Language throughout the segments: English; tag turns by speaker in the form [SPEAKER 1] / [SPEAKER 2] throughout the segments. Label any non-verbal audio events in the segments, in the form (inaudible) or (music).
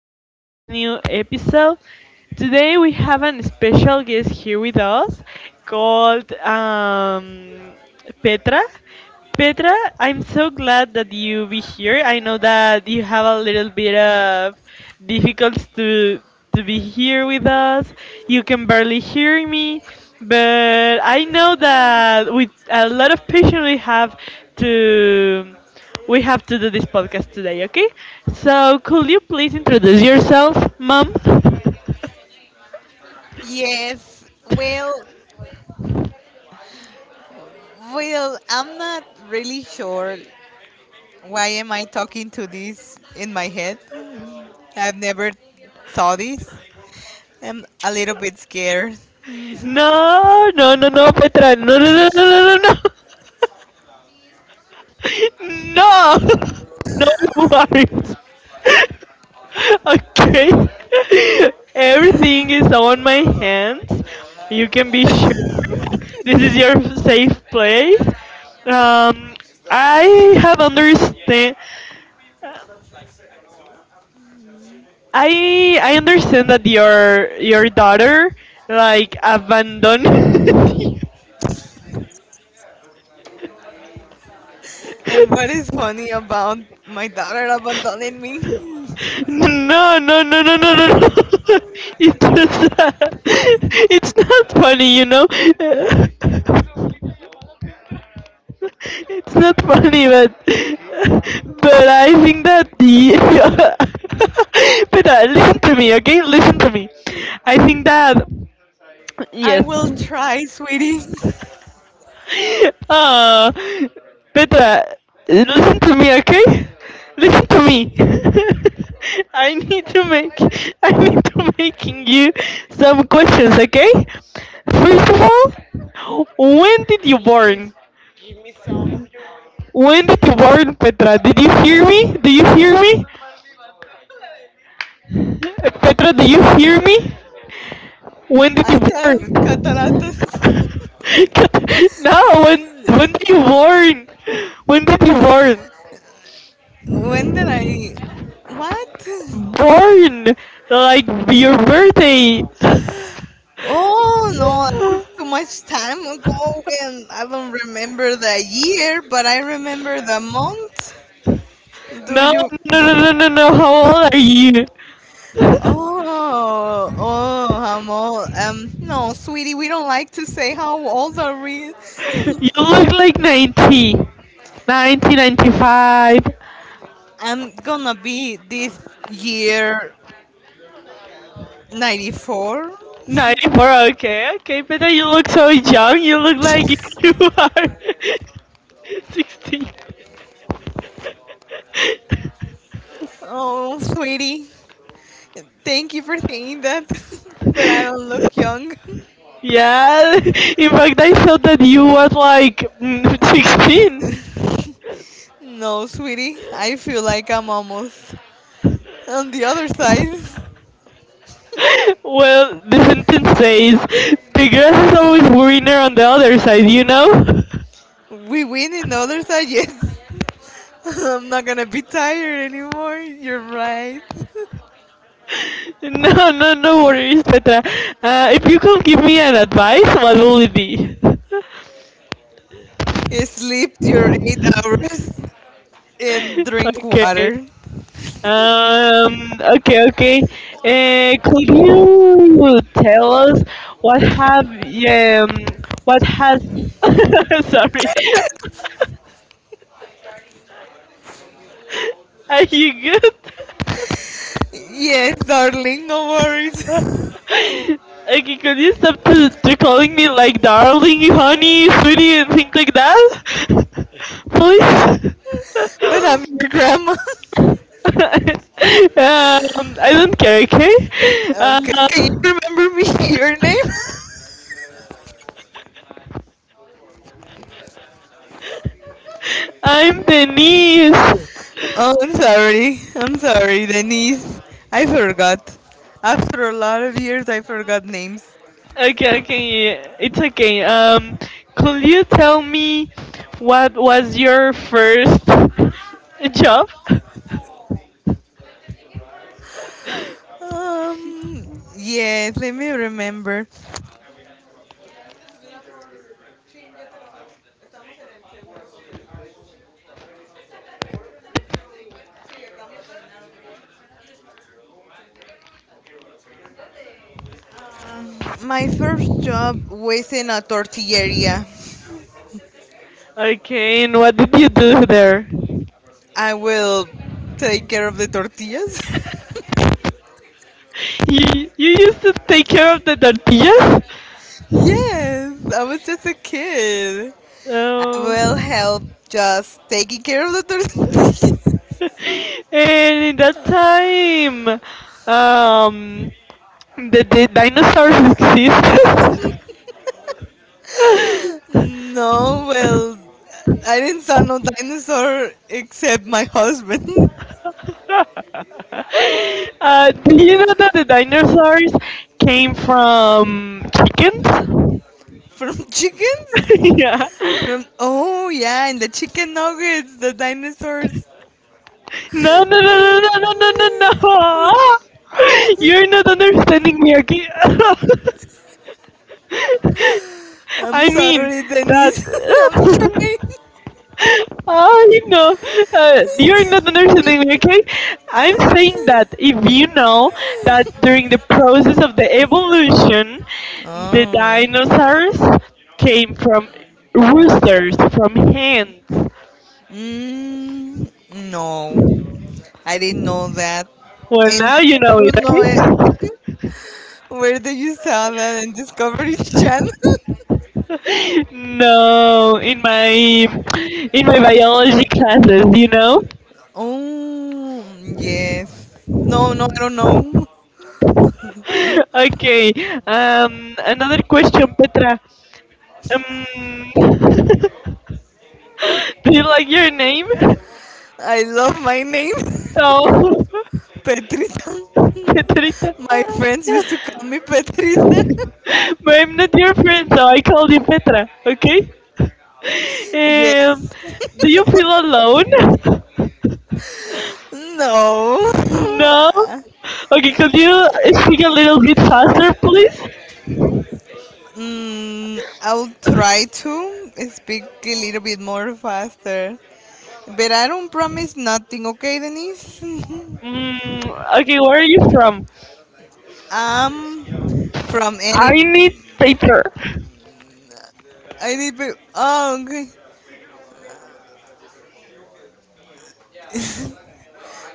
[SPEAKER 1] welcome to this new episode. Today we have a special guest here with us called Petra. Petra, I'm so glad that you be here. I know that you have a little bit of difficulties to be here with us. You can barely hear me, but I know that with a lot of patience to we have to do this podcast today, okay? So could you please introduce yourself, mom? (laughs)
[SPEAKER 2] Yes. Well, well, I'm not really sure why am I talking to this in my head. I've never saw this. I'm a little bit scared.
[SPEAKER 1] No, no, no, no, Petra. No, no, no, no, no, no, no. (laughs) No, (laughs) no worries. (laughs) Okay. (laughs) Everything is on my hands. You can be sure. (laughs) This is your safe place. Um, I have understand. I understand that your daughter like abandoned (laughs)
[SPEAKER 2] And
[SPEAKER 1] you.
[SPEAKER 2] what is funny about my daughter abandoning me?
[SPEAKER 1] No, no, no, no, no, no, no. (laughs) It was, (laughs) it's not funny. (laughs) It's not funny, but (laughs) but I think that the (laughs) but listen to me, okay? Listen to me. I think that
[SPEAKER 2] I
[SPEAKER 1] yes.
[SPEAKER 2] will try, sweetie.
[SPEAKER 1] (laughs) Ah, Petra, listen to me, okay? Listen to me. (laughs) I need to make I need to making you some questions, okay? First of all, when did you born? When did you born, Petra? Did you hear me? Do you hear me? Petra, do you hear me? When did you
[SPEAKER 2] I have
[SPEAKER 1] born? (laughs)
[SPEAKER 2] cataratas.
[SPEAKER 1] No, when did you born? When did you born?
[SPEAKER 2] When did I? What?
[SPEAKER 1] Born like your birthday.
[SPEAKER 2] Oh no, it was too much time ago, and I don't remember the year, but I remember the month. Do
[SPEAKER 1] No,
[SPEAKER 2] you?
[SPEAKER 1] no, no, no, no, no. How old are you? (laughs)
[SPEAKER 2] Oh, oh, I'm old. No, sweetie, we don't like to say how old are we.
[SPEAKER 1] You look like 95,
[SPEAKER 2] I'm gonna be this year 94.
[SPEAKER 1] 94. Okay, okay, but then you look so young. You look like (laughs) you are (laughs) 16.
[SPEAKER 2] Oh, sweetie, thank you for saying that, (laughs) but I don't look young.
[SPEAKER 1] Yeah, (laughs) in fact, I thought that you was like (laughs) 16.
[SPEAKER 2] No, sweetie, I feel like I'm almost on the other side.
[SPEAKER 1] Well, the sentence says, the grass is always greener on the other side, you know? (laughs)
[SPEAKER 2] We win in other side, yes. (laughs) I'm not gonna be tired anymore. You're right.
[SPEAKER 1] No, no, no worries, Petra. If you could give me an advice, what will it be? (laughs)
[SPEAKER 2] (laughs) Sleep your 8 hours and drink
[SPEAKER 1] Okay.
[SPEAKER 2] water.
[SPEAKER 1] Okay, okay. Could you tell us what have, um, what has, (laughs) sorry, (laughs) are you good?
[SPEAKER 2] Yes, darling, no worries. (laughs)
[SPEAKER 1] (laughs) Okay, could you stop to calling me like darling, honey, sweetie, and things like that? (laughs) Please?
[SPEAKER 2] But I'm your grandma. (laughs)
[SPEAKER 1] (laughs) I don't care, okay? Uh,
[SPEAKER 2] Okay, can you remember me (laughs) your name? (laughs)
[SPEAKER 1] I'm Denise.
[SPEAKER 2] Oh, I'm sorry. I'm sorry, Denise. I forgot. After a lot of years, I forgot names.
[SPEAKER 1] Okay, okay, yeah, yeah, it's okay. Could you tell me what was your first (laughs) job?
[SPEAKER 2] Um, yes, let me remember. My first job was in a tortilleria.
[SPEAKER 1] Okay, and what did you do there?
[SPEAKER 2] I will take care of the tortillas.
[SPEAKER 1] You used to take care of the tortillas?
[SPEAKER 2] (laughs) Yes, I was just a kid. I will
[SPEAKER 1] Oh.
[SPEAKER 2] help just taking care of the tortillas.
[SPEAKER 1] (laughs) And in that time, um, the dinosaurs existed.
[SPEAKER 2] (laughs)
[SPEAKER 1] (laughs)
[SPEAKER 2] No, well, I didn't saw no dinosaur except my husband. (laughs)
[SPEAKER 1] Do you know that the dinosaurs came from chickens?
[SPEAKER 2] From chickens.
[SPEAKER 1] (laughs) Yeah.
[SPEAKER 2] From oh yeah, and the chicken nuggets, the dinosaurs.
[SPEAKER 1] No, no, no, no, no, no, no, no, no.
[SPEAKER 2] (laughs)
[SPEAKER 1] (laughs) You're not understanding me, okay? (laughs) (laughs)
[SPEAKER 2] I'm
[SPEAKER 1] I mean
[SPEAKER 2] sorry,
[SPEAKER 1] that
[SPEAKER 2] Denise. (laughs) I'm trying.
[SPEAKER 1] (laughs) I know you're not understanding me, okay? I'm saying that if you know that during the process of the evolution, the
[SPEAKER 2] Oh.
[SPEAKER 1] dinosaurs came from roosters, from hens.
[SPEAKER 2] Mm, no. I didn't know that.
[SPEAKER 1] Well,
[SPEAKER 2] And
[SPEAKER 1] now
[SPEAKER 2] how
[SPEAKER 1] you
[SPEAKER 2] do
[SPEAKER 1] know it,
[SPEAKER 2] you know it?
[SPEAKER 1] okay?
[SPEAKER 2] (laughs) Where did you saw that in Discovery Channel?
[SPEAKER 1] (laughs) No, in my biology classes.
[SPEAKER 2] (laughs) Oh, yes. No, no, I don't know.
[SPEAKER 1] (laughs) Okay. Another question, Petra. Um, (laughs) do you like your name?
[SPEAKER 2] I love my name. (laughs)
[SPEAKER 1] No, (laughs)
[SPEAKER 2] Petrita.
[SPEAKER 1] Petrita.
[SPEAKER 2] (laughs) My friends used to call me Petrita.
[SPEAKER 1] But I'm not your friend, so I call you Petra. Okay.
[SPEAKER 2] (laughs)
[SPEAKER 1] Um,
[SPEAKER 2] Yes.
[SPEAKER 1] do you feel alone? (laughs)
[SPEAKER 2] No. (laughs)
[SPEAKER 1] No. Okay, could you speak a little bit faster, please?
[SPEAKER 2] Mm, I'll try to speak a little bit more faster, but I don't promise nothing. Okay, Denise.
[SPEAKER 1] Mm, okay, where are you from?
[SPEAKER 2] (laughs) I'm from any
[SPEAKER 1] I need paper.
[SPEAKER 2] pe- Oh, okay.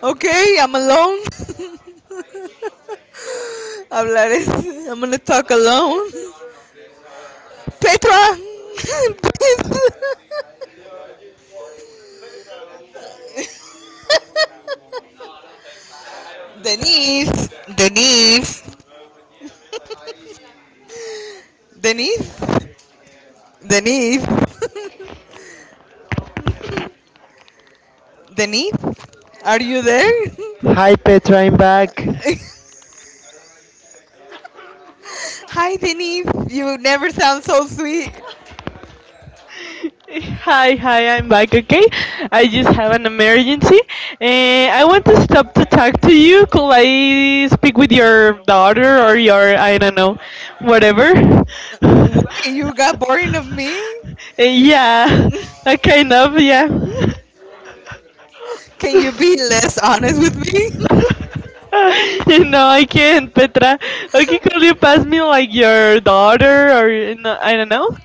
[SPEAKER 2] Okay, I'm alone. (laughs) Hablar es. I'm gonna talk alone. Petra. (laughs) Denise. Denise. Denise. Denise. Denise. Are you there?
[SPEAKER 1] Hi, Petra, I'm back.
[SPEAKER 2] (laughs) Hi, Denise. You never sound so sweet.
[SPEAKER 1] Hi, hi, I'm back, okay? I just have an emergency. I want to stop to talk to you. Could I speak with your daughter or your, I don't know, whatever? (laughs)
[SPEAKER 2] Wait, you got boring of me?
[SPEAKER 1] Yeah, kind of, yeah. (laughs) No,
[SPEAKER 2] Can you be less honest with me? (laughs)
[SPEAKER 1] I can't, Petra. Okay, could you pass me like your daughter or, no, I don't know?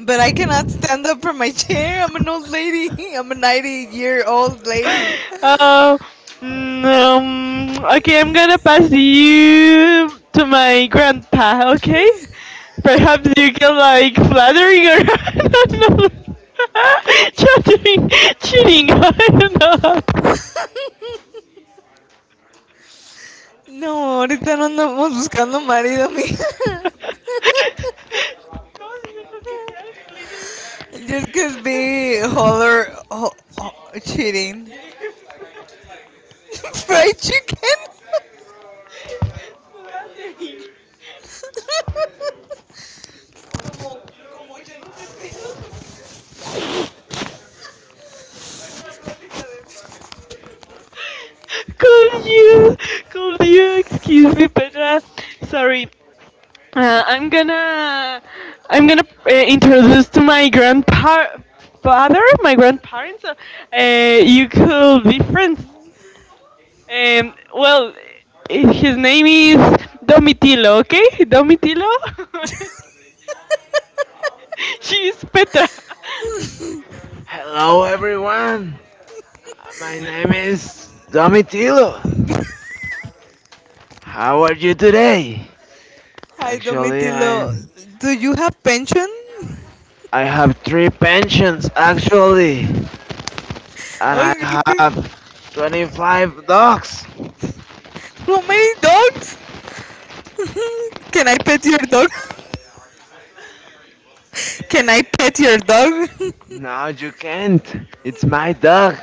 [SPEAKER 2] But I cannot stand up from my chair. I'm an old lady. (laughs) I'm a 90-year-old lady.
[SPEAKER 1] Uh, okay, I'm gonna pass you to my grandpa, okay? Perhaps you can like flattering or (laughs) I don't know. (laughs) Chattering, cheating, (laughs) I don't know. (laughs)
[SPEAKER 2] No, ahorita no andamos buscando marido, mi. (laughs) Just could be holler, ho, ho, cheating. (laughs) Fried chicken? (laughs)
[SPEAKER 1] Could you, could you excuse me, Petra? Sorry. Uh, I'm gonna I'm gonna introduce to my grandpa father, my grandparents. You could be friends. Well, his name is Domitilo. Okay, Domitilo. (laughs) She's Petra. Hello, everyone. My name is Domitilo. How are you today?
[SPEAKER 2] Hi,
[SPEAKER 1] Actually, I
[SPEAKER 2] Domitilo. Do you have pension? (laughs)
[SPEAKER 1] I have three pensions. Actually, and I
[SPEAKER 2] Okay.
[SPEAKER 1] have 25 dogs.
[SPEAKER 2] How many dogs? Can I pet your dog? (laughs) Can I pet your dog?
[SPEAKER 1] No, you can't. It's my dog.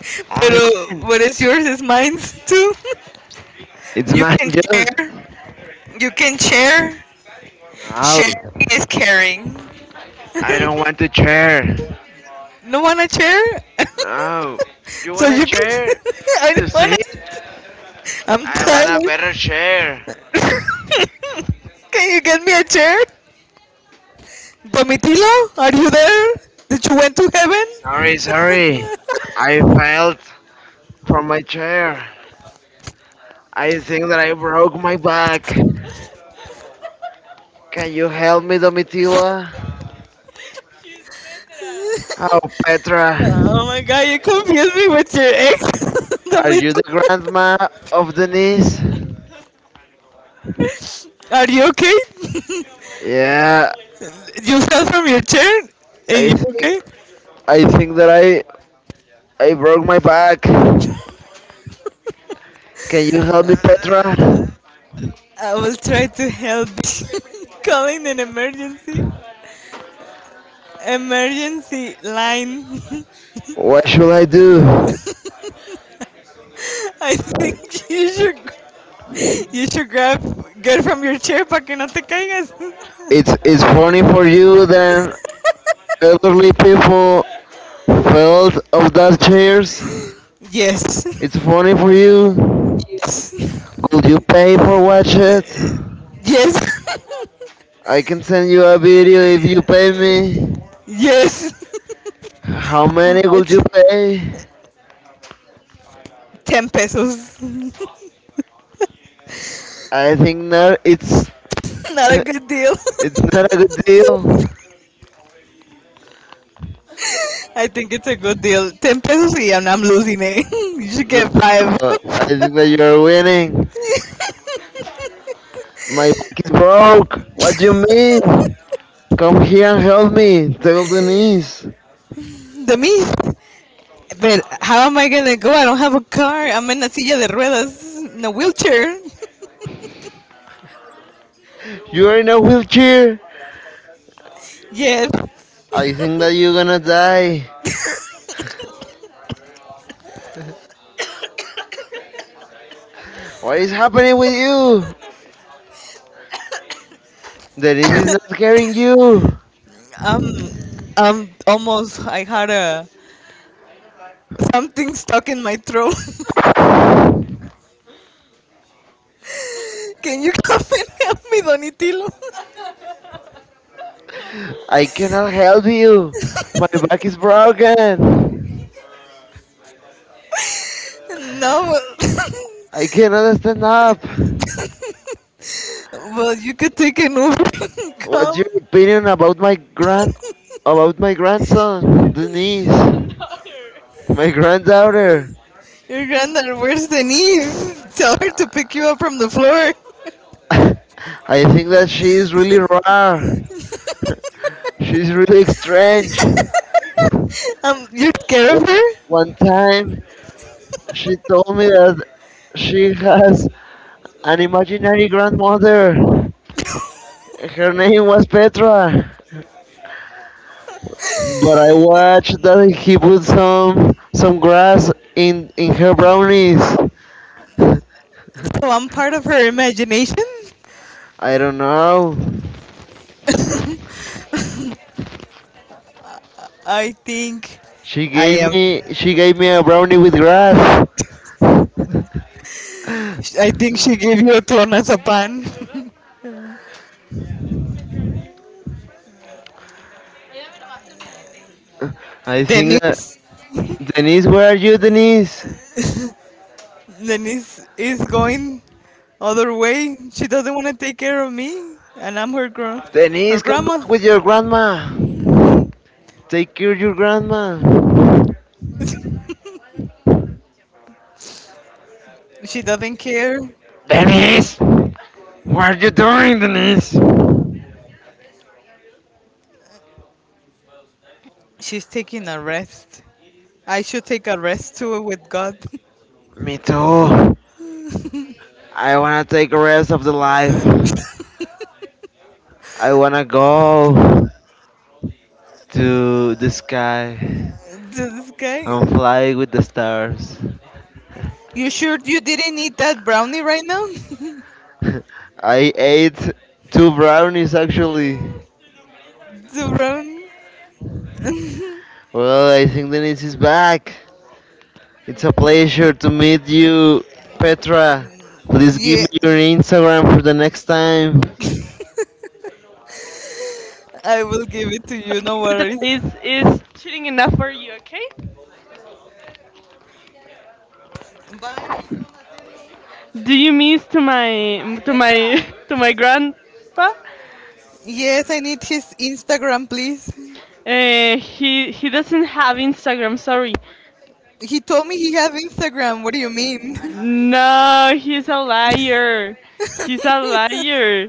[SPEAKER 2] (laughs) Pero
[SPEAKER 1] Only mine.
[SPEAKER 2] what is yours is mine too. (laughs)
[SPEAKER 1] It's
[SPEAKER 2] You
[SPEAKER 1] mine,
[SPEAKER 2] can
[SPEAKER 1] just.
[SPEAKER 2] share. You can share.
[SPEAKER 1] No,
[SPEAKER 2] Sharing is caring.
[SPEAKER 1] I don't want a chair.
[SPEAKER 2] No wanna share? (laughs)
[SPEAKER 1] No, you
[SPEAKER 2] So
[SPEAKER 1] want a
[SPEAKER 2] you can.
[SPEAKER 1] chair
[SPEAKER 2] (laughs) I
[SPEAKER 1] to
[SPEAKER 2] don't
[SPEAKER 1] sit?
[SPEAKER 2] wanna. I'm
[SPEAKER 1] I want a
[SPEAKER 2] tired.
[SPEAKER 1] better chair.
[SPEAKER 2] (laughs) Can you get me a chair? Domitilo, are you there? Did you went to heaven?
[SPEAKER 1] Sorry, sorry. I fell from my chair. I think that I broke my back. Can you help me, Domitila? Oh, Petra,
[SPEAKER 2] Oh my god, you confused me with your ex. (laughs)
[SPEAKER 1] are you the
[SPEAKER 2] Domitilo,
[SPEAKER 1] grandma of Denise?
[SPEAKER 2] are you okay?
[SPEAKER 1] Yeah,
[SPEAKER 2] You fell from your chair?
[SPEAKER 1] I
[SPEAKER 2] And you
[SPEAKER 1] think
[SPEAKER 2] okay?
[SPEAKER 1] I think that I broke my back. Can you help me, Petra?
[SPEAKER 2] I will try to help. (laughs) Calling an emergency line. (laughs)
[SPEAKER 1] What should I do?
[SPEAKER 2] I think (laughs) you should grab get from your chair para que no te caigas.
[SPEAKER 1] It's funny for you then elderly people felt of those chairs.
[SPEAKER 2] Yes.
[SPEAKER 1] It's
[SPEAKER 2] (laughs)
[SPEAKER 1] funny for you.
[SPEAKER 2] Yes.
[SPEAKER 1] Could you pay for watch it?
[SPEAKER 2] (laughs) Yes. (laughs)
[SPEAKER 1] I can send you a video if you pay me.
[SPEAKER 2] Yes.
[SPEAKER 1] How
[SPEAKER 2] (laughs)
[SPEAKER 1] many would you
[SPEAKER 2] Much.
[SPEAKER 1] pay?
[SPEAKER 2] 10 pesos. (laughs)
[SPEAKER 1] I think that it's
[SPEAKER 2] Not a good deal.
[SPEAKER 1] (laughs) it's
[SPEAKER 2] (laughs)
[SPEAKER 1] not a good deal.
[SPEAKER 2] I think it's a good deal. 10 pesos y I'm losing it. (laughs) You should get 5.
[SPEAKER 1] I think that you're winning. My back is broke. What do you mean? Come here and help me. Tell Denise.
[SPEAKER 2] (laughs) The me. But how am I gonna go? I don't have a car. I'm in a silla de ruedas, in a wheelchair.
[SPEAKER 1] You are in a wheelchair.
[SPEAKER 2] (laughs) Yes.
[SPEAKER 1] I think that you're gonna die. What is happening with you? Denise is not scaring you.
[SPEAKER 2] um, almost. I had a something stuck in my throat. (laughs) Can you come and help me, Donitilo?
[SPEAKER 1] I cannot help you. My back is broken.
[SPEAKER 2] (laughs) No.
[SPEAKER 1] I cannot stand up.
[SPEAKER 2] (laughs) Well, you could take an Uber (laughs) and
[SPEAKER 1] What's your
[SPEAKER 2] come.
[SPEAKER 1] opinion about my grand about my grandson, Denise? My granddaughter.
[SPEAKER 2] Your granddaughter wears the knees. Tell her to pick you up from the floor. (laughs)
[SPEAKER 1] (laughs) I think that she is really rare. She's really strange.
[SPEAKER 2] You're scared of her?
[SPEAKER 1] One time, she told me that she has an imaginary grandmother. Her name was Petra. But I watched that he put some grass in her brownies. (laughs)
[SPEAKER 2] So I'm part of her imagination.
[SPEAKER 1] I don't know.
[SPEAKER 2] I think
[SPEAKER 1] She
[SPEAKER 2] I
[SPEAKER 1] gave
[SPEAKER 2] am.
[SPEAKER 1] me she gave me a brownie with grass. (laughs)
[SPEAKER 2] I think she gave you a clonazepam.
[SPEAKER 1] I
[SPEAKER 2] (laughs)
[SPEAKER 1] think that
[SPEAKER 2] Denise,
[SPEAKER 1] Denise, where are you, Denise?
[SPEAKER 2] Denise is going other way. She doesn't want to take care of me, and I'm her gr- her
[SPEAKER 1] Denise, come
[SPEAKER 2] grandma.
[SPEAKER 1] back with your grandma. Take care of your grandma.
[SPEAKER 2] She doesn't care.
[SPEAKER 1] Denise! What are you doing, Denise?
[SPEAKER 2] She's taking a rest. I should take a rest too with God. (laughs)
[SPEAKER 1] Me too. I wanna take a rest of the life. I wanna go to the sky
[SPEAKER 2] This guy.
[SPEAKER 1] and fly with the stars.
[SPEAKER 2] You sure you didn't eat that brownie right now? (laughs)
[SPEAKER 1] (laughs) I ate two brownies actually.
[SPEAKER 2] The brownie.
[SPEAKER 1] Well, I think Denise is back. It's a pleasure to meet you, Petra. Please give
[SPEAKER 2] Yeah,
[SPEAKER 1] me your Instagram for the next time.
[SPEAKER 2] I will give it to you. No
[SPEAKER 1] Peter
[SPEAKER 2] worries.
[SPEAKER 1] is cheating enough for you, okay?
[SPEAKER 2] Bye.
[SPEAKER 1] Do you miss to my (laughs) to my grandpa?
[SPEAKER 2] Yes, I need his Instagram, please.
[SPEAKER 1] He doesn't have Instagram. Sorry.
[SPEAKER 2] He told me he have Instagram. What do you mean,
[SPEAKER 1] No, he's a liar. He's a liar.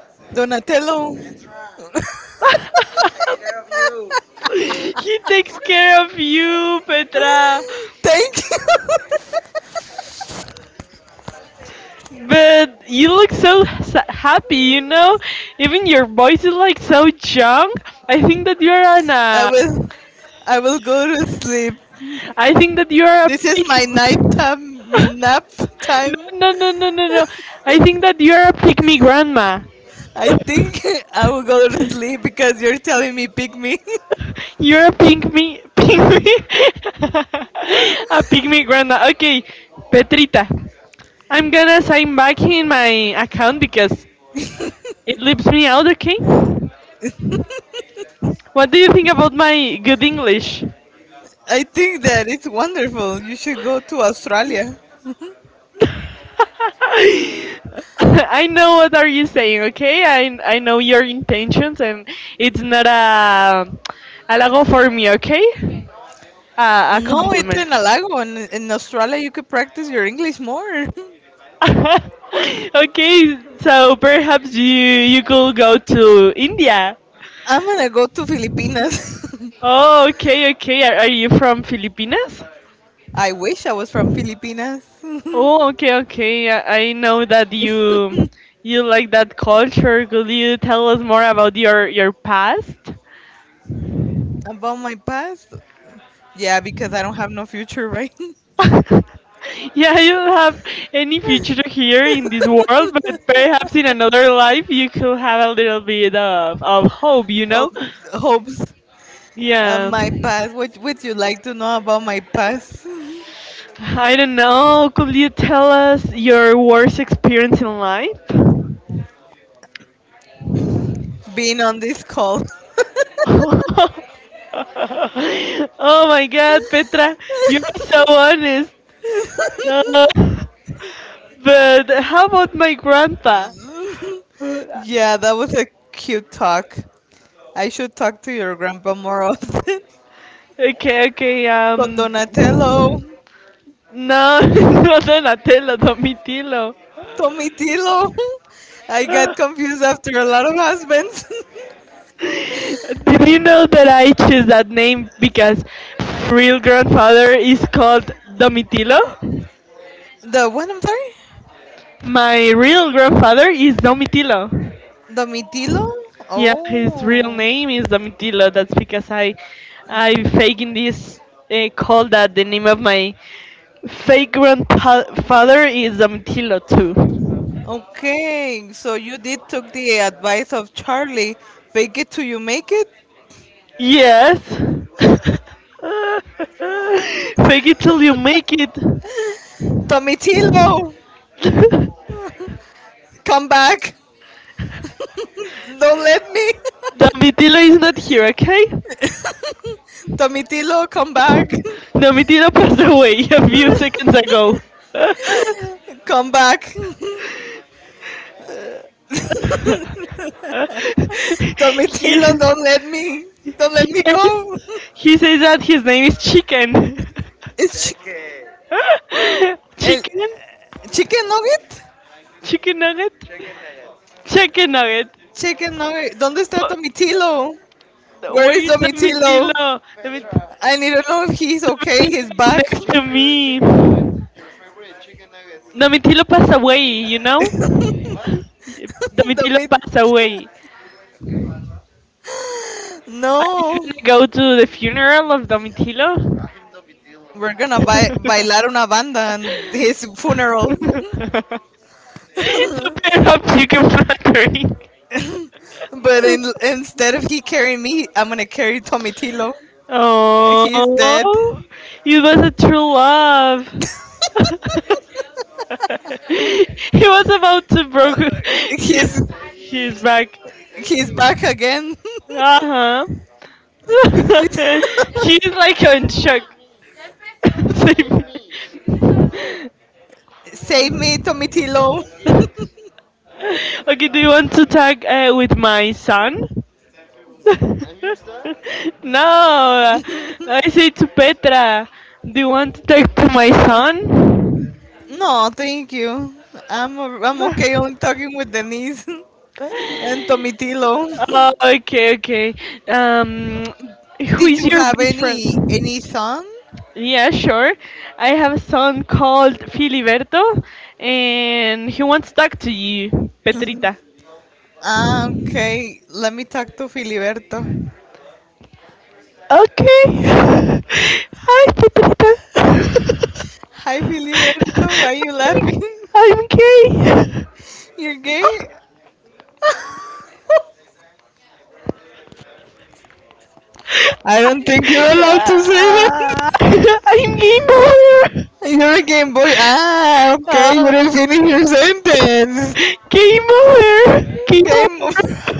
[SPEAKER 2] (laughs) Donatello?
[SPEAKER 1] (laughs) He takes care of you, Petra.
[SPEAKER 2] Thank you.
[SPEAKER 1] But you look so happy, you know? Even your voice is like so young. I think that you're on
[SPEAKER 2] (laughs) I
[SPEAKER 1] a.
[SPEAKER 2] will. I will go to sleep.
[SPEAKER 1] I think that you're a
[SPEAKER 2] This is
[SPEAKER 1] pig.
[SPEAKER 2] my
[SPEAKER 1] (laughs)
[SPEAKER 2] nighttime, my nap
[SPEAKER 1] No,
[SPEAKER 2] time.
[SPEAKER 1] no, no, no, no, no. I think that you're a pygmy grandma.
[SPEAKER 2] I
[SPEAKER 1] (laughs)
[SPEAKER 2] think (laughs) I will go to sleep because you're telling me pick me.
[SPEAKER 1] You're a pygmy. Pygmy? (laughs) A pygmy grandma. Okay, Petrita. I'm gonna sign back in my account because it leaves me out, okay? What do you think about my good English?
[SPEAKER 2] (laughs) I think that it's wonderful. You should go to Australia.
[SPEAKER 1] (laughs) I know what are you saying, okay? I know your intentions and it's not a logo for me, okay? A
[SPEAKER 2] No, it's
[SPEAKER 1] compliment.
[SPEAKER 2] an halago. In Australia, you could practice your English more. (laughs)
[SPEAKER 1] (laughs) Okay, so perhaps you could go to India.
[SPEAKER 2] I'm gonna go to Filipinas.
[SPEAKER 1] Oh, okay, okay. Are you from Filipinas?
[SPEAKER 2] (laughs) I wish I was from Filipinas.
[SPEAKER 1] Oh,
[SPEAKER 2] (laughs)
[SPEAKER 1] okay, okay. I know that you like that culture. Could you tell us more about your past?
[SPEAKER 2] About my past? Yeah, because I don't have no future, right?
[SPEAKER 1] (laughs) Yeah, you don't have any future here in this world, but perhaps in another life you could have a little bit of hope, you
[SPEAKER 2] (laughs) Of
[SPEAKER 1] know?
[SPEAKER 2] hopes.
[SPEAKER 1] Yeah.
[SPEAKER 2] My past. What would you like to know about my past?
[SPEAKER 1] I don't know. Could you tell us your worst experience in life? (laughs)
[SPEAKER 2] (laughs) Being on this call.
[SPEAKER 1] Oh my god, Petra, you are so honest. Uh, but how about my grandpa? Uh,
[SPEAKER 2] (laughs) Yeah, that was a cute talk. I should talk to your grandpa more (laughs) often.
[SPEAKER 1] Okay, okay,
[SPEAKER 2] Con
[SPEAKER 1] um.
[SPEAKER 2] Donatello,
[SPEAKER 1] No, (laughs) not Donatello, Domitilo.
[SPEAKER 2] Tomitilo. (laughs) I got
[SPEAKER 1] (laughs)
[SPEAKER 2] confused after a lot of husbands.
[SPEAKER 1] Did you know that I chose that name because my real grandfather is called Domitilo?
[SPEAKER 2] (laughs) The what? I'm sorry.
[SPEAKER 1] My real grandfather is Domitilo.
[SPEAKER 2] Domitilo.
[SPEAKER 1] Yeah, his real
[SPEAKER 2] Oh.
[SPEAKER 1] name is Domitilo. That's because I faking this call that the name of my fake grandfather is Domitilo too.
[SPEAKER 2] Okay, so you did took the advice of Charlie. Fake it till you make it.
[SPEAKER 1] Yes. (laughs) Fake it till you make it.
[SPEAKER 2] Tomitilo,
[SPEAKER 1] (laughs)
[SPEAKER 2] come back. Don't let me.
[SPEAKER 1] Domitila is not here, okay?
[SPEAKER 2] (laughs) Tomitilo, come back. (laughs)
[SPEAKER 1] (laughs) Domitila passed away a few seconds ago.
[SPEAKER 2] Come back. (laughs) Tomitilo,
[SPEAKER 1] (laughs) he,
[SPEAKER 2] don't let me. Don't
[SPEAKER 1] he
[SPEAKER 2] let me
[SPEAKER 1] says
[SPEAKER 2] go.
[SPEAKER 1] he says that his name is Chicken.
[SPEAKER 2] (laughs) It's chi-
[SPEAKER 1] (laughs)
[SPEAKER 2] el
[SPEAKER 1] Chicken?
[SPEAKER 2] chicken nugget.
[SPEAKER 1] Chicken nugget? Chicken nugget.
[SPEAKER 2] Chicken nugget. ¿Dónde está
[SPEAKER 1] But
[SPEAKER 2] Tomitilo? Where
[SPEAKER 1] where
[SPEAKER 2] is
[SPEAKER 1] is
[SPEAKER 2] Tomitilo?
[SPEAKER 1] Domitila?
[SPEAKER 2] I need to know if he's okay. He's back.
[SPEAKER 1] Next to me. Domitilo passed away, you know?
[SPEAKER 2] (laughs)
[SPEAKER 1] Domitilo
[SPEAKER 2] Tomit.
[SPEAKER 1] passed away. Are you
[SPEAKER 2] No.
[SPEAKER 1] gonna go to the funeral of Domitilo?
[SPEAKER 2] We're gonna buy,
[SPEAKER 1] (laughs)
[SPEAKER 2] bailar una banda on his funeral. (laughs)
[SPEAKER 1] Perhaps you can flattering.
[SPEAKER 2] But in, instead of he carrying me, I'm gonna carry Tomitilo. He's dead.
[SPEAKER 1] Oh, it was a true love. (laughs) He was about to
[SPEAKER 2] Uh,
[SPEAKER 1] broke
[SPEAKER 2] he's
[SPEAKER 1] his back.
[SPEAKER 2] he's back again.
[SPEAKER 1] Uh huh.
[SPEAKER 2] (laughs)
[SPEAKER 1] (laughs)
[SPEAKER 2] He's-
[SPEAKER 1] She's like in shock. (laughs) Same.
[SPEAKER 2] Save me, Tomitilo.
[SPEAKER 1] Okay, do you want to talk with my son? No, I say to Petra, do you want to talk to my son?
[SPEAKER 2] No, thank you. I'm okay on talking with Denise (laughs)
[SPEAKER 1] (laughs)
[SPEAKER 2] and Tomitilo.
[SPEAKER 1] Oh, okay, okay. Um,
[SPEAKER 2] (laughs)
[SPEAKER 1] who
[SPEAKER 2] Did
[SPEAKER 1] is
[SPEAKER 2] you
[SPEAKER 1] your
[SPEAKER 2] have
[SPEAKER 1] best
[SPEAKER 2] any
[SPEAKER 1] friend?
[SPEAKER 2] any son?
[SPEAKER 1] Yeah, sure. I have a son called Filiberto, and he wants to talk to you, Petrita.
[SPEAKER 2] Ah, okay. Let me talk to Filiberto.
[SPEAKER 1] Okay. (laughs) Hi, Petrita.
[SPEAKER 2] Hi, Filiberto. Why are you laughing?
[SPEAKER 1] (laughs)
[SPEAKER 2] (laughs)
[SPEAKER 1] I'm gay. (laughs)
[SPEAKER 2] You're gay? I don't think you're allowed to say
[SPEAKER 1] Yeah.
[SPEAKER 2] that.
[SPEAKER 1] (laughs) I'm game over.
[SPEAKER 2] (laughs) You're a Game Boy. Ah,
[SPEAKER 1] (laughs)
[SPEAKER 2] okay. You
[SPEAKER 1] Uh,
[SPEAKER 2] didn't finish your sentence.
[SPEAKER 1] Game over.
[SPEAKER 2] (laughs)
[SPEAKER 1] Game
[SPEAKER 2] Game.
[SPEAKER 1] over.
[SPEAKER 2] (laughs)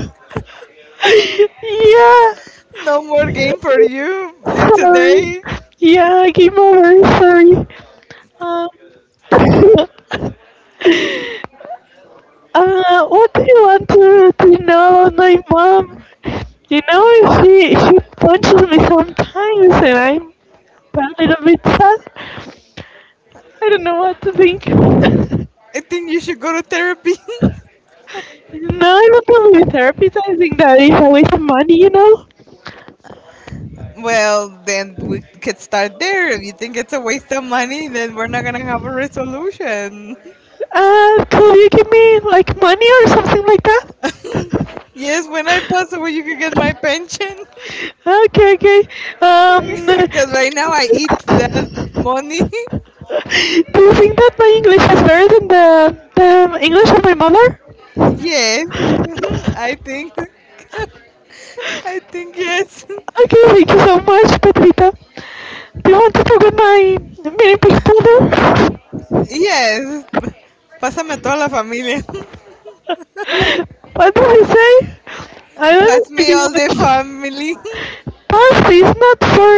[SPEAKER 1] (laughs) Yeah.
[SPEAKER 2] No more game for you
[SPEAKER 1] Sorry.
[SPEAKER 2] today.
[SPEAKER 1] Yeah, game over. Sorry. Um, (laughs) what do you want to know about my mom? You know, she punches me sometimes, and I'm a little bit sad. I don't know what to think. (laughs) No,
[SPEAKER 2] I think you should go to therapy.
[SPEAKER 1] I'm not going to therapist. I think that is a waste of money, you know.
[SPEAKER 2] (laughs) Well, then we could start there. If you think it's a waste of money, then we're not gonna have a resolution. (laughs)
[SPEAKER 1] Could you give me like money or something like that?
[SPEAKER 2] Yes, when I pass away, you could get my pension.
[SPEAKER 1] Okay, okay. Um,
[SPEAKER 2] (laughs)
[SPEAKER 1] (laughs)
[SPEAKER 2] Because right now I eat that money.
[SPEAKER 1] do you think that my English is better than the English of my mother?
[SPEAKER 2] (laughs) Yes, (laughs) I think. I think yes. (laughs)
[SPEAKER 1] Okay, thank you so much, Patrita. Do you want to talk about my mini persona?
[SPEAKER 2] Yes. Pásame a toda la familia.
[SPEAKER 1] (laughs) What did you say? I
[SPEAKER 2] (laughs)
[SPEAKER 1] don't
[SPEAKER 2] Pass
[SPEAKER 1] speak
[SPEAKER 2] me all the
[SPEAKER 1] English.
[SPEAKER 2] family.
[SPEAKER 1] Past is not for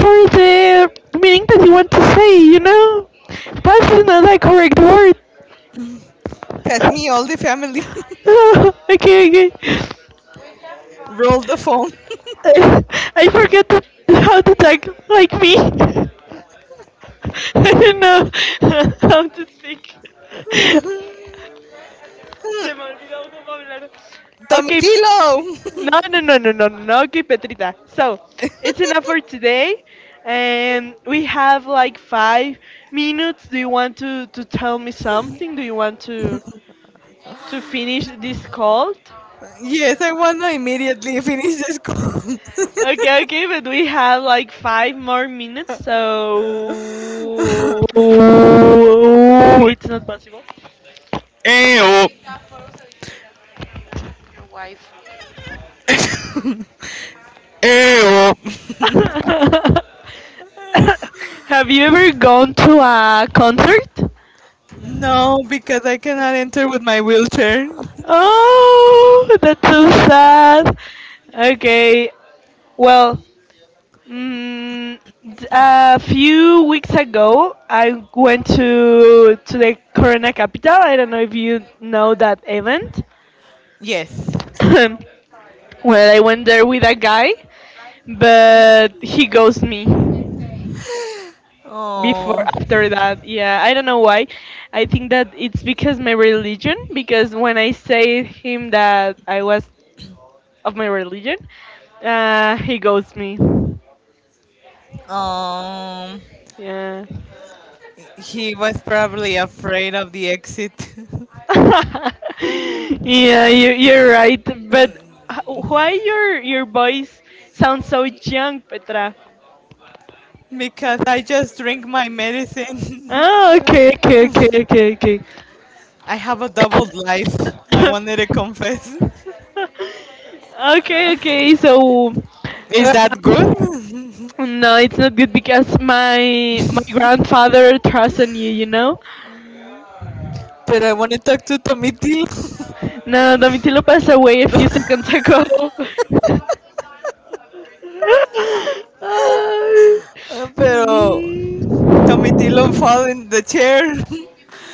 [SPEAKER 1] for the meaning that you want to say, you know? Past is not a correct word.
[SPEAKER 2] (laughs) Pass me all the family.
[SPEAKER 1] (laughs) Okay, okay.
[SPEAKER 2] (laughs) Roll the phone.
[SPEAKER 1] I I forget to, how to talk like me. (laughs) I don't know (laughs) how to speak. Se me ha olvidado cómo hablar.
[SPEAKER 2] (laughs)
[SPEAKER 1] Okay.
[SPEAKER 2] Tomitilo! (laughs)
[SPEAKER 1] No, no, no, no, no, no. Okay, Petrita. So, it's enough for today. And we have like 5 minutes. Do you want to tell me something? Do you want to finish this call?
[SPEAKER 2] Yes, I want to immediately finish this call.
[SPEAKER 1] Okay, okay, but we have like five more minutes, so (laughs) it's not possible.
[SPEAKER 2] (laughs) Ew, ew.
[SPEAKER 1] (laughs) Have you ever gone to a concert?
[SPEAKER 2] No, because I cannot enter with my wheelchair. (laughs)
[SPEAKER 1] Oh, that's so sad. Okay, well, mm, a few weeks ago, I went to the Corona capital. I don't know if you know that event. (laughs)
[SPEAKER 2] Yes.
[SPEAKER 1] (coughs) Well, I went there with a guy, but he ghosted me before
[SPEAKER 2] Oh.
[SPEAKER 1] after that. Yeah, I don't know why. I think that it's because my religion. Because when I say him that I was of my religion, he ghosts me.
[SPEAKER 2] Um.
[SPEAKER 1] Yeah.
[SPEAKER 2] He was probably afraid of the exit.
[SPEAKER 1] (laughs) Yeah, you're right. But why your voice sounds so young, Petra?
[SPEAKER 2] (laughs) Because I just drink my medicine. (laughs)
[SPEAKER 1] Oh, okay, okay, okay, okay, okay.
[SPEAKER 2] I have a double life. I wanted to
[SPEAKER 1] (laughs)
[SPEAKER 2] confess.
[SPEAKER 1] Okay, okay. So,
[SPEAKER 2] Is
[SPEAKER 1] uh,
[SPEAKER 2] that good? (laughs)
[SPEAKER 1] no, it's not good because my grandfather trusts in you. You know.
[SPEAKER 2] But I want to talk to Tomitilo.
[SPEAKER 1] No, Domitilo passed away a few seconds ago. (laughs) (laughs)
[SPEAKER 2] Pero
[SPEAKER 1] mm,
[SPEAKER 2] Tomitilo fell in the chair.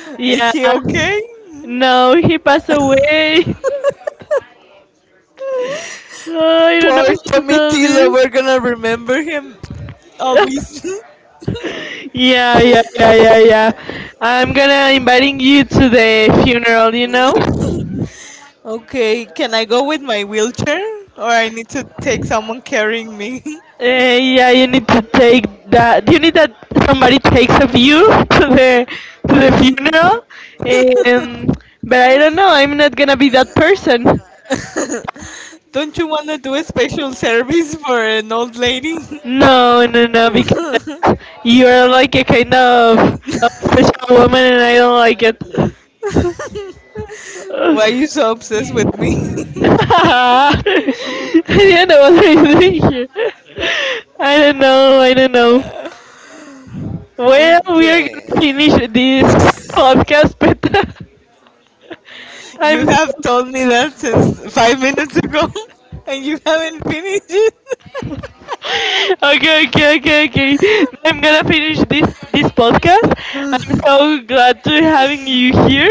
[SPEAKER 2] (laughs) Is
[SPEAKER 1] yeah.
[SPEAKER 2] he okay?
[SPEAKER 1] No, he passed away. (laughs) I don't know
[SPEAKER 2] Poor
[SPEAKER 1] how to tell this.
[SPEAKER 2] Tomitilo. We're gonna remember him always. (laughs)
[SPEAKER 1] (laughs) Yeah, yeah, yeah, yeah, yeah. I'm gonna inviting you to the funeral. You know.
[SPEAKER 2] Okay, can I go with my wheelchair? Or I need to take someone carrying me?
[SPEAKER 1] Yeah, you need to take that. You need that somebody takes of you (laughs) to the to the funeral. Um, but I don't know. I'm not gonna be that person.
[SPEAKER 2] (laughs) Don't you want to do a special service for an old lady?
[SPEAKER 1] No, no, no, because
[SPEAKER 2] (laughs)
[SPEAKER 1] you're like a kind of a special woman, and I don't like it. (laughs)
[SPEAKER 2] Why are you so
[SPEAKER 1] I
[SPEAKER 2] obsessed with me? (laughs)
[SPEAKER 1] didn't know what I was doing here. I don't know. I don't know. Well, we are gonna finish
[SPEAKER 2] Okay.
[SPEAKER 1] this podcast, but (laughs) I'm
[SPEAKER 2] You
[SPEAKER 1] so.
[SPEAKER 2] have told me that since 5 minutes ago, (laughs) and you haven't finished it.
[SPEAKER 1] Okay, okay, okay, okay. I'm gonna finish this podcast. I'm so glad to having you here.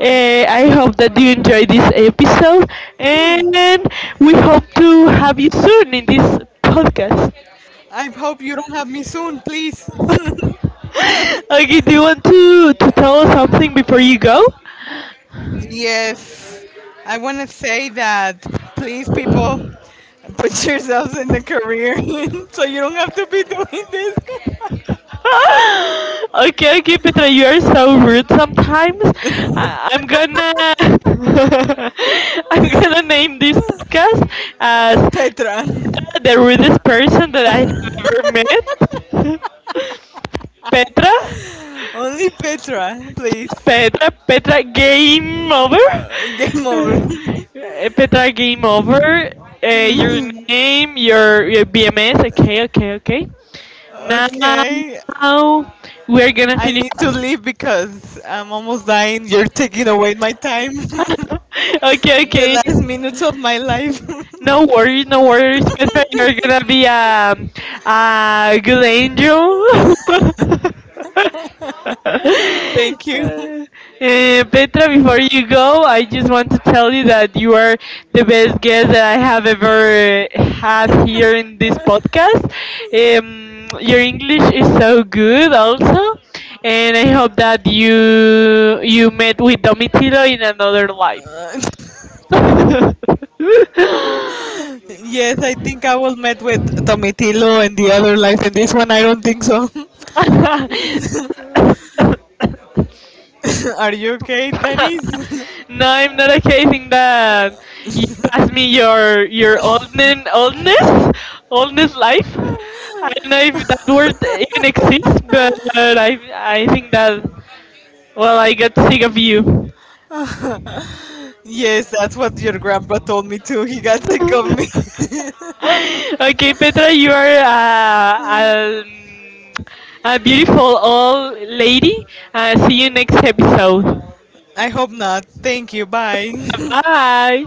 [SPEAKER 1] I hope that you enjoy this episode, and we hope to have you soon in this podcast.
[SPEAKER 2] I hope you don't have me soon, please.
[SPEAKER 1] (laughs) Okay, do you want to tell us something before you go?
[SPEAKER 2] Yes. I want to say that please, people, put yourselves in the career (laughs) so you don't have to be doing this.
[SPEAKER 1] (gasps) (laughs) Okay, okay, Petra, you are so rude sometimes. I'm gonna (laughs) I'm gonna name this podcast as
[SPEAKER 2] Petra.
[SPEAKER 1] the rudest person that I have ever met. (laughs) Petra,
[SPEAKER 2] Only Petra, please.
[SPEAKER 1] Petra, Petra, game over.
[SPEAKER 2] Game over.
[SPEAKER 1] Petra, game over. Your name, your BMS. Okay, okay, okay.
[SPEAKER 2] (laughs)
[SPEAKER 1] Now
[SPEAKER 2] Okay.
[SPEAKER 1] we're gonna
[SPEAKER 2] I
[SPEAKER 1] finish.
[SPEAKER 2] need to leave because I'm almost dying. You're taking away my time. (laughs)
[SPEAKER 1] (laughs) Okay,
[SPEAKER 2] The
[SPEAKER 1] okay.
[SPEAKER 2] last minutes of my life.
[SPEAKER 1] No worries, no worries, (laughs) Petra. You're gonna be a good angel. (laughs)
[SPEAKER 2] (laughs) Thank you.
[SPEAKER 1] Uh, Petra, before you go, I just want to tell you that you are the best guest that I have ever had here in this podcast. Your English is so good, also, and I hope that you met with Domitilo in another life.
[SPEAKER 2] Uh,
[SPEAKER 1] (laughs) No,
[SPEAKER 2] (laughs) yes, I think I will met with Tomitilo and the other life, and this one I don't think so. (laughs) Are you okay, Denise?
[SPEAKER 1] I'm not occasioning that. You pass me your oldness, oldness, oldness life. I don't know if that word even exists, but I think that well, I got sick of you.
[SPEAKER 2] (laughs) Yes, that's what your grandpa told me too. He got sick of me. (laughs)
[SPEAKER 1] (gasps) (laughs) Okay, Petra, you are a beautiful old lady. See you next episode.
[SPEAKER 2] I hope not. Thank you. Bye. (laughs)
[SPEAKER 1] Bye.